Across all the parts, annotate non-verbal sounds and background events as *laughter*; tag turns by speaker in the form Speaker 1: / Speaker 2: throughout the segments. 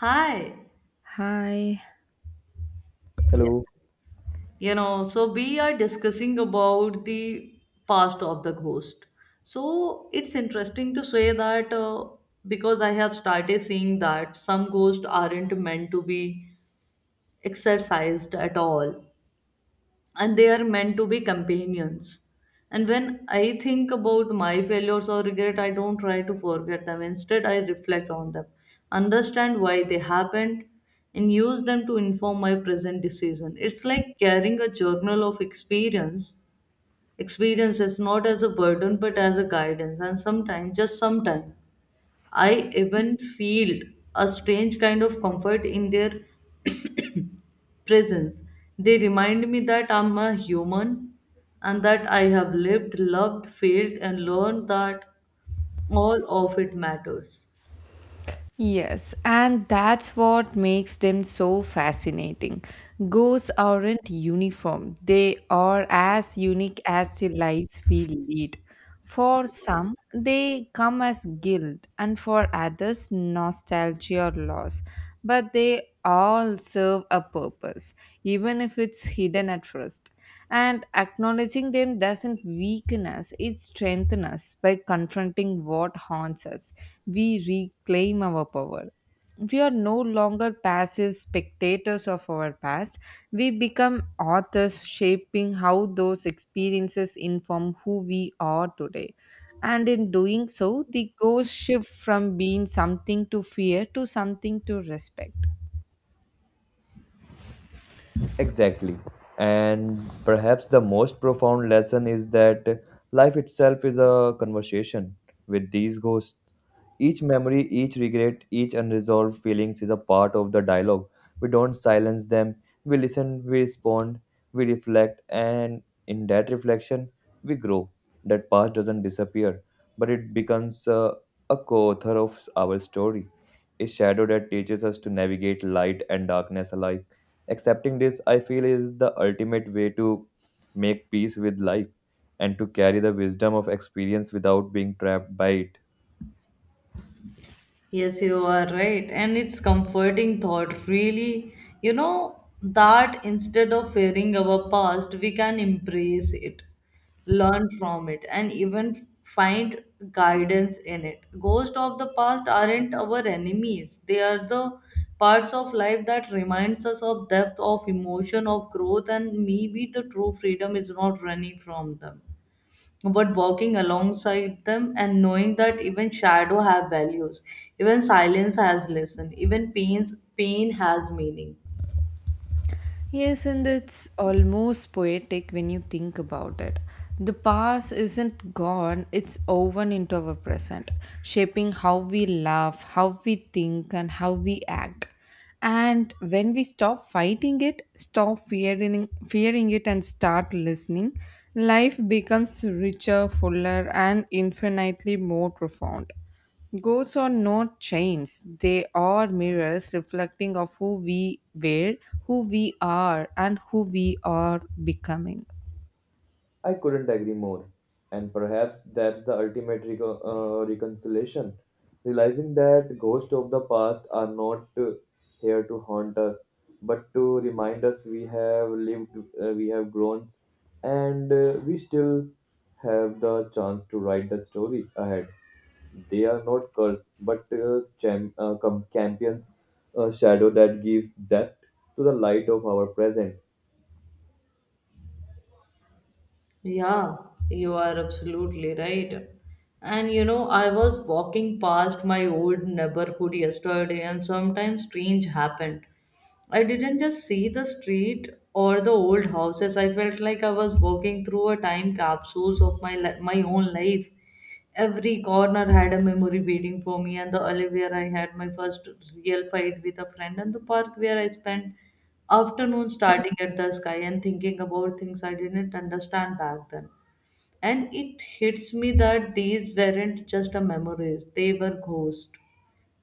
Speaker 1: Hi.
Speaker 2: Hi.
Speaker 1: Yes.
Speaker 3: Hello.
Speaker 1: So we are discussing about the past of the ghost. So it's interesting to say that because I have started seeing that some ghosts aren't meant to be exercised at all. And they are meant to be companions. And when I think about my failures or regret, I don't try to forget them. Instead, I reflect on them, understand why they happened, and use them to inform my present decision. It's like carrying a journal of experiences not as a burden but as a guidance. And sometimes, just sometimes, I even feel a strange kind of comfort in their *coughs* presence. They remind me that I'm a human and that I have lived, loved, failed, and learned that all of it matters.
Speaker 2: Yes, and that's what makes them so fascinating. Ghosts aren't uniform, they are as unique as the lives we lead. For some, they come as guilt, and for others, nostalgia or loss. But they all serve a purpose, even if it's hidden at first. And acknowledging them doesn't weaken us, it strengthens us by confronting what haunts us. We reclaim our power. We are no longer passive spectators of our past. We become authors, shaping how those experiences inform who we are today. And in doing so, the ghosts shift from being something to fear to something to respect.
Speaker 3: Exactly. And perhaps the most profound lesson is that life itself is a conversation with these ghosts. Each memory, each regret, each unresolved feelings is a part of the dialogue. We don't silence them. We listen, we respond, we reflect, and in that reflection, we grow. That past doesn't disappear, but it becomes a co-author of our story, a shadow that teaches us to navigate light and darkness alike. Accepting this, I feel, is the ultimate way to make peace with life and to carry the wisdom of experience without being trapped by it.
Speaker 1: Yes, you are right. And it's comforting thought, really. You know, that instead of fearing our past, we can embrace it, learn from it, and even find guidance in it. Ghosts of the past aren't our enemies. They are the parts of life that reminds us of depth of emotion, of growth, and maybe the true freedom is not running from them but walking alongside them and knowing that even shadow have values, even silence has lesson, even pain has meaning.
Speaker 2: Yes, and it's almost poetic when you think about it. The past isn't gone, it's woven into our present, shaping how we laugh, how we think, and how we act. And when we stop fighting it, stop fearing it, and start listening, life becomes richer, fuller, and infinitely more profound. Goats are not chains. They are mirrors reflecting of who we were, who we are, and who we are becoming.
Speaker 3: I couldn't agree more. And perhaps that's the ultimate reconciliation. Realizing that ghosts of the past are not here to haunt us, but to remind us we have lived, we have grown, and we still have the chance to write the story ahead. They are not cursed, but champions, a shadow that gives depth to the light of our present.
Speaker 1: Yeah, you are absolutely right. And you know, I was walking past my old neighborhood yesterday and sometimes strange happened. I didn't just see the street or the old houses. I felt like I was walking through a time capsule of my own life. Every corner had a memory waiting for me, and the alley where I had my first real fight with a friend, and the park where I spent afternoon starting at the sky and thinking about things I didn't understand back then. And it hits me that these weren't just a memories, they were ghosts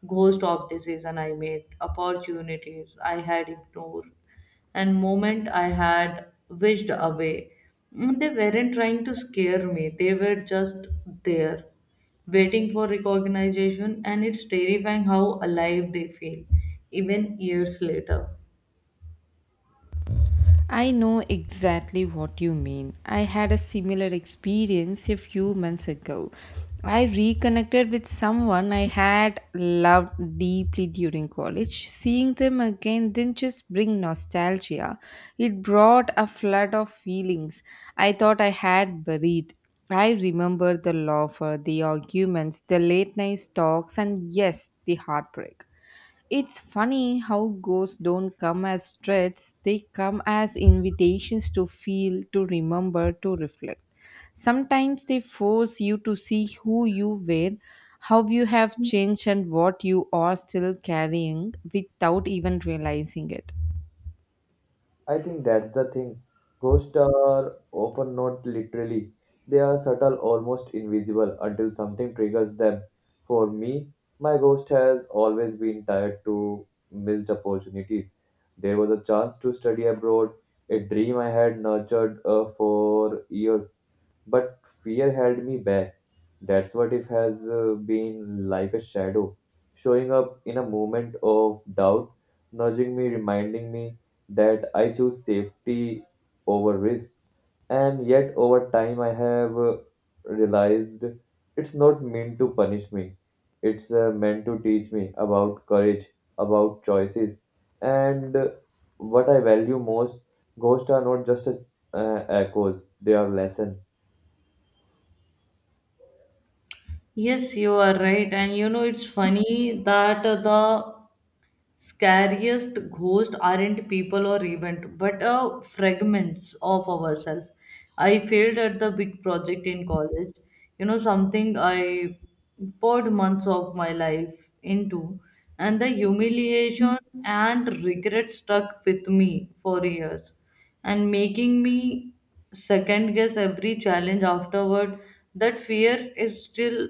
Speaker 1: ghost of decision I made, opportunities I had ignored, and moment I had wished away. They weren't trying to scare me. They were just there, waiting for recognition, and it's terrifying how alive they feel, even years later.
Speaker 2: I know exactly what you mean. I had a similar experience a few months ago. I reconnected with someone I had loved deeply during college. Seeing them again didn't just bring nostalgia, it brought a flood of feelings I thought I had buried. I remember the laughter, the arguments, the late night talks, and yes, the heartbreak. It's funny how ghosts don't come as threats, they come as invitations to feel, to remember, to reflect. Sometimes they force you to see who you were, how you have changed, and what you are still carrying without even realizing it.
Speaker 3: I think that's the thing. Ghosts are often not literally. They are subtle, almost invisible until something triggers them. For me, my ghost has always been tied to missed opportunities. There was a chance to study abroad, a dream I had nurtured for years, but fear held me back. That's what it has been like a shadow, showing up in a moment of doubt, nudging me, reminding me that I choose safety over risk. And yet, over time, I have realized it's not meant to punish me, it's meant to teach me about courage, about choices, and what I value most. Ghosts are not just echoes, they are lessons.
Speaker 1: Yes, you are right. And you know, it's funny that the scariest ghosts aren't people or event, but fragments of ourselves. I failed at the big project in college. You know, something I poured months of my life into, and the humiliation and regret stuck with me for years and making me second guess every challenge afterward. That fear is still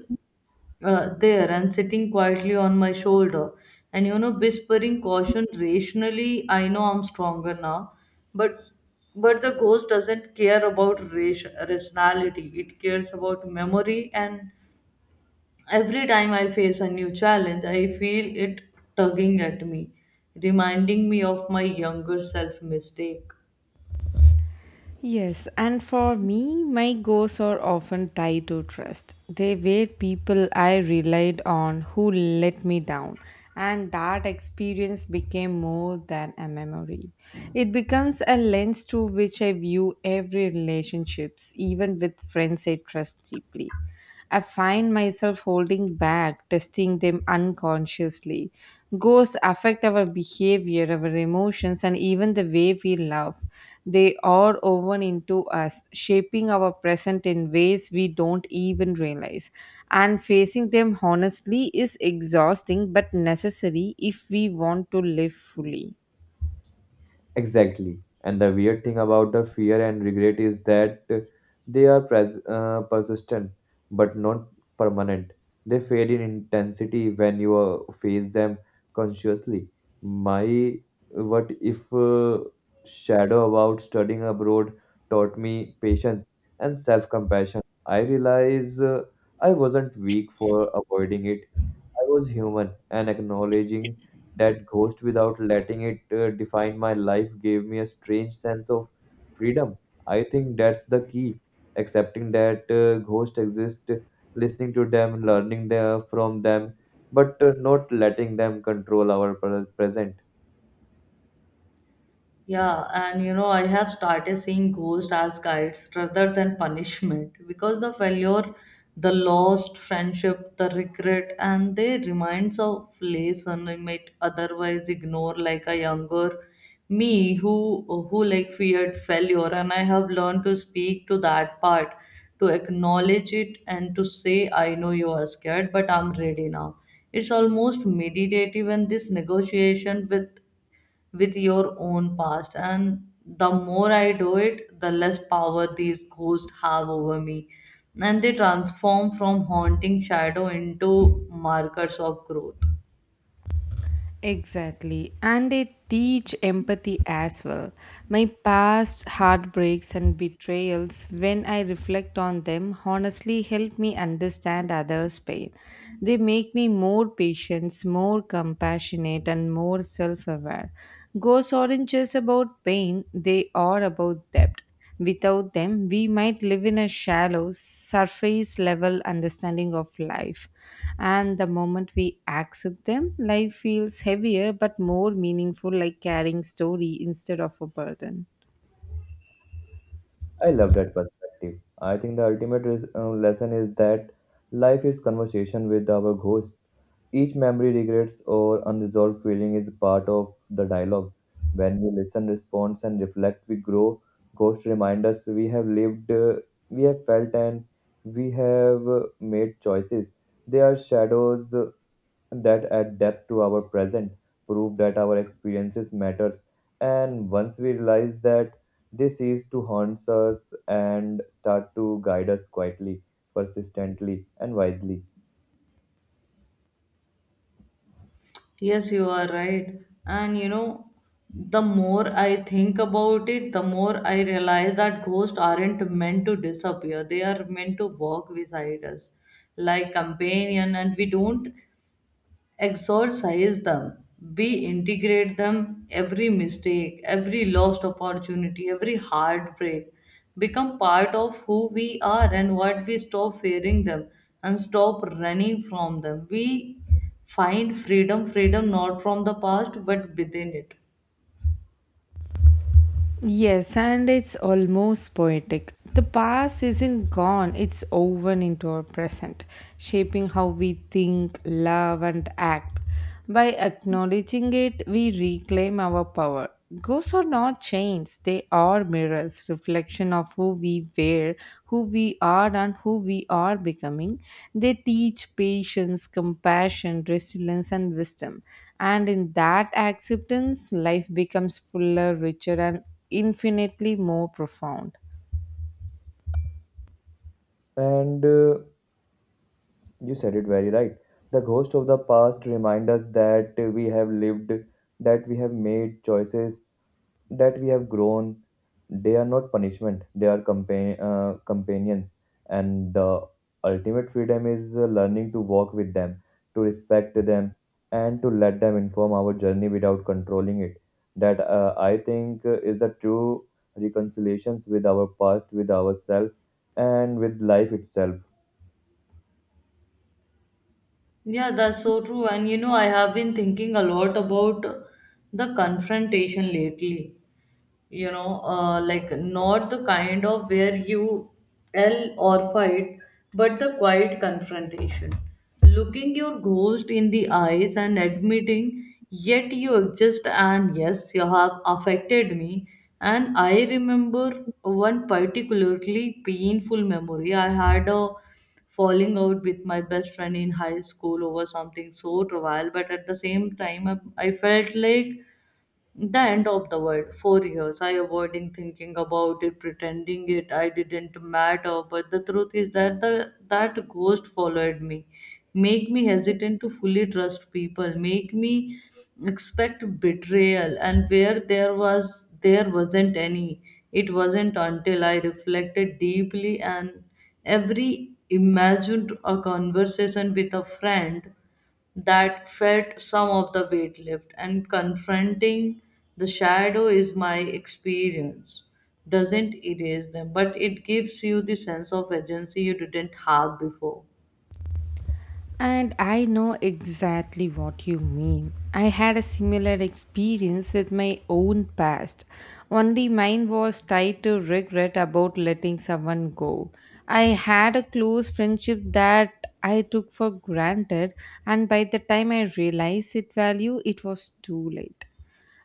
Speaker 1: there and sitting quietly on my shoulder, and you know, whispering caution. Rationally, I know I'm stronger now, but but the ghost doesn't care about rationality. It cares about memory, and every time I face a new challenge, I feel it tugging at me, reminding me of my younger self mistake.
Speaker 2: Yes, and for me, my goals are often tied to trust. They were people I relied on who let me down, and that experience became more than a memory. It becomes a lens through which I view every relationships, even with friends I trust deeply. I find myself holding back, testing them unconsciously. Ghosts affect our behavior, our emotions, and even the way we love they are woven into us, shaping our present in ways we don't even realize. And facing them honestly is exhausting but necessary if we want to live fully.
Speaker 3: Exactly. And the weird thing about the fear and regret is that they are persistent but not permanent. They fade in intensity when you face them consciously. My what if shadow about studying abroad taught me patience and self compassion. I realize I wasn't weak for avoiding it. I was human, and acknowledging that ghost without letting it define my life gave me a strange sense of freedom. I think that's the key, accepting that ghosts exist, listening to them, learning the, from them, but not letting them control our present.
Speaker 1: Yeah, and you know, I have started seeing ghosts as guides rather than punishment because the failure, the lost friendship, the regret, and they reminds of lesson I might otherwise ignore, like a younger me who like feared failure, and I have learned to speak to that part, to acknowledge it, and to say, "I know you are scared, but I'm ready now." It's almost meditative, and this negotiation with your own past. And the more I do it, the less power these ghosts have over me, and they transform from haunting shadow into markers of growth.
Speaker 2: Exactly. And they teach empathy as well. My past heartbreaks and betrayals, when I reflect on them, honestly help me understand others' pain. They make me more patient, more compassionate, and more self aware. Ghosts aren't just about pain, they are about depth. Without them, we might live in a shallow, surface level understanding of life. And the moment we accept them, life feels heavier but more meaningful, like carrying story instead of a burden.
Speaker 3: I love that perspective. I think the ultimate lesson is that life is conversation with our ghost. Each memory, regrets, or unresolved feeling is part of the dialogue. When we listen, respond, and reflect, we grow. Ghosts remind us we have lived, we have felt, and we have made choices. They are shadows that adapt to our present, prove that our experiences matters. And once we realize that this is to haunt us and start to guide us quietly, persistently, and wisely.
Speaker 1: Yes, you are right. And you know, the more I think about it, the more I realize that ghosts aren't meant to disappear. They are meant to walk beside us like companion, and we don't exorcise them. We integrate them. Every mistake, every lost opportunity, every heartbreak become part of who we are, and what we stop fearing them and stop running from them, we find freedom. Freedom not from the past but within it.
Speaker 2: Yes, and it's almost poetic. The past isn't gone, it's woven into our present, shaping how we think, love, and act. By acknowledging it, we reclaim our power. Ghosts are not chains, they are mirrors, reflection of who we were, who we are, and who we are becoming. They teach patience, compassion, resilience, and wisdom. And in that acceptance, life becomes fuller, richer, and infinitely more profound.
Speaker 3: And you said it very right. The ghost of the past remind us that we have lived, that we have made choices that we have grown, they are not punishment, they are companions. And the ultimate freedom is learning to walk with them, to respect them, and to let them inform our journey without controlling it. That I think is the true reconciliations with our past, with ourselves, and with life itself.
Speaker 1: Yeah, that's so true. And you know, I have been thinking a lot about the confrontation lately. You know, like not the kind of where you yell or fight, but the quiet confrontation, looking your ghost in the eyes and admitting yet you exist, and yes, you have affected me. And I remember one particularly painful memory. I had a falling out with my best friend in high school over something so trivial, but at the same time I felt like the end of the world. 4 years. I avoiding thinking about it, pretending it I didn't matter. But the truth is that the that ghost followed me. Make me hesitant to fully trust people. Make me expect betrayal. And where there wasn't any. It wasn't until I reflected deeply and every imagined a conversation with a friend that felt some of the weight lift, and confronting the shadow is my experience doesn't erase them, but it gives you the sense of agency you didn't have before.
Speaker 2: And I know exactly what you mean. I had a similar experience with my own past, only mine was tied to regret about letting someone go. I had a close friendship that I took for granted, and by the time I realized its value, it was too late.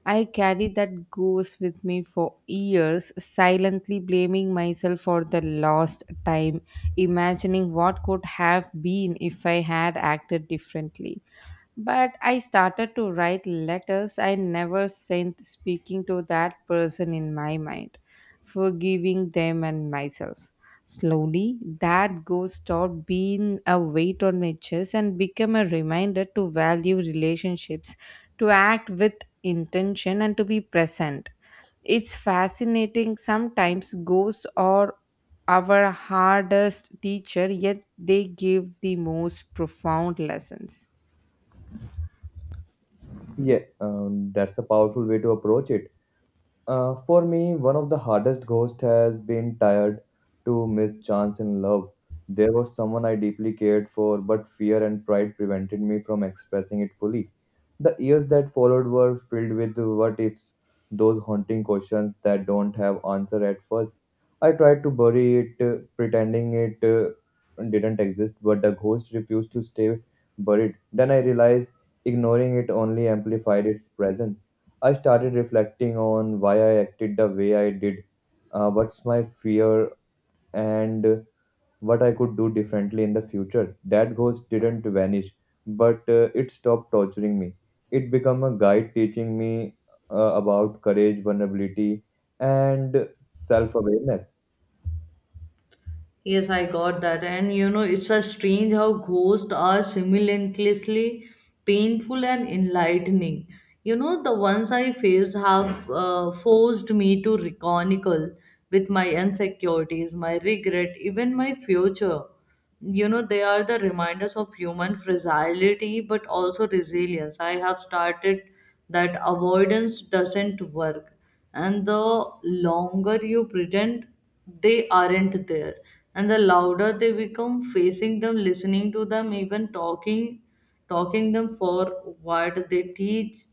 Speaker 2: I carried that ghost with me for years, silently blaming myself for the lost time, imagining what could have been if I had acted differently. But I started to write letters I never sent, speaking to that person in my mind, forgiving them and myself. Slowly, that ghost stopped being a weight on my chest and became a reminder to value relationships, to act with intention, and to be present. It's fascinating. Sometimes ghosts are our hardest teacher, yet they give the most profound lessons.
Speaker 3: Yeah, that's a powerful way to approach it. For me, one of the hardest ghosts has been tired to miss chance in love. There was someone I deeply cared for, but fear and pride prevented me from expressing it fully. The years that followed were filled with what ifs, those haunting questions that don't have answer at first. I tried to bury it, pretending it didn't exist, but the ghost refused to stay buried. Then I realized ignoring it only amplified its presence. I started reflecting on why I acted the way I did, what's my fear, and what I could do differently in the future. That ghost didn't vanish, but it stopped torturing me. It became a guide teaching me about courage, vulnerability, and self awareness.
Speaker 1: Yes, I got that. And you know, it's a strange how ghosts are simultaneously painful and enlightening. You know, the ones I faced have forced me to reconicle with my insecurities, my regret, even my future. You know, they are the reminders of human fragility but also resilience. I have started that avoidance doesn't work, and the longer you pretend they aren't there, and the louder they become, facing them, listening to them, even talking them for what they teach,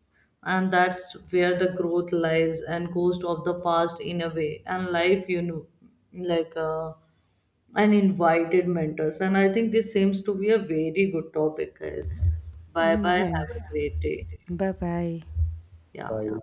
Speaker 1: and that's where the growth lies. And ghost of the past in a way and life, you know, like and invited mentors. And I think this seems to be a very good topic, guys. Bye
Speaker 2: Mm,
Speaker 1: bye. Have a
Speaker 2: yes.
Speaker 1: great day.
Speaker 2: Bye bye.
Speaker 1: Yeah.
Speaker 3: Bye.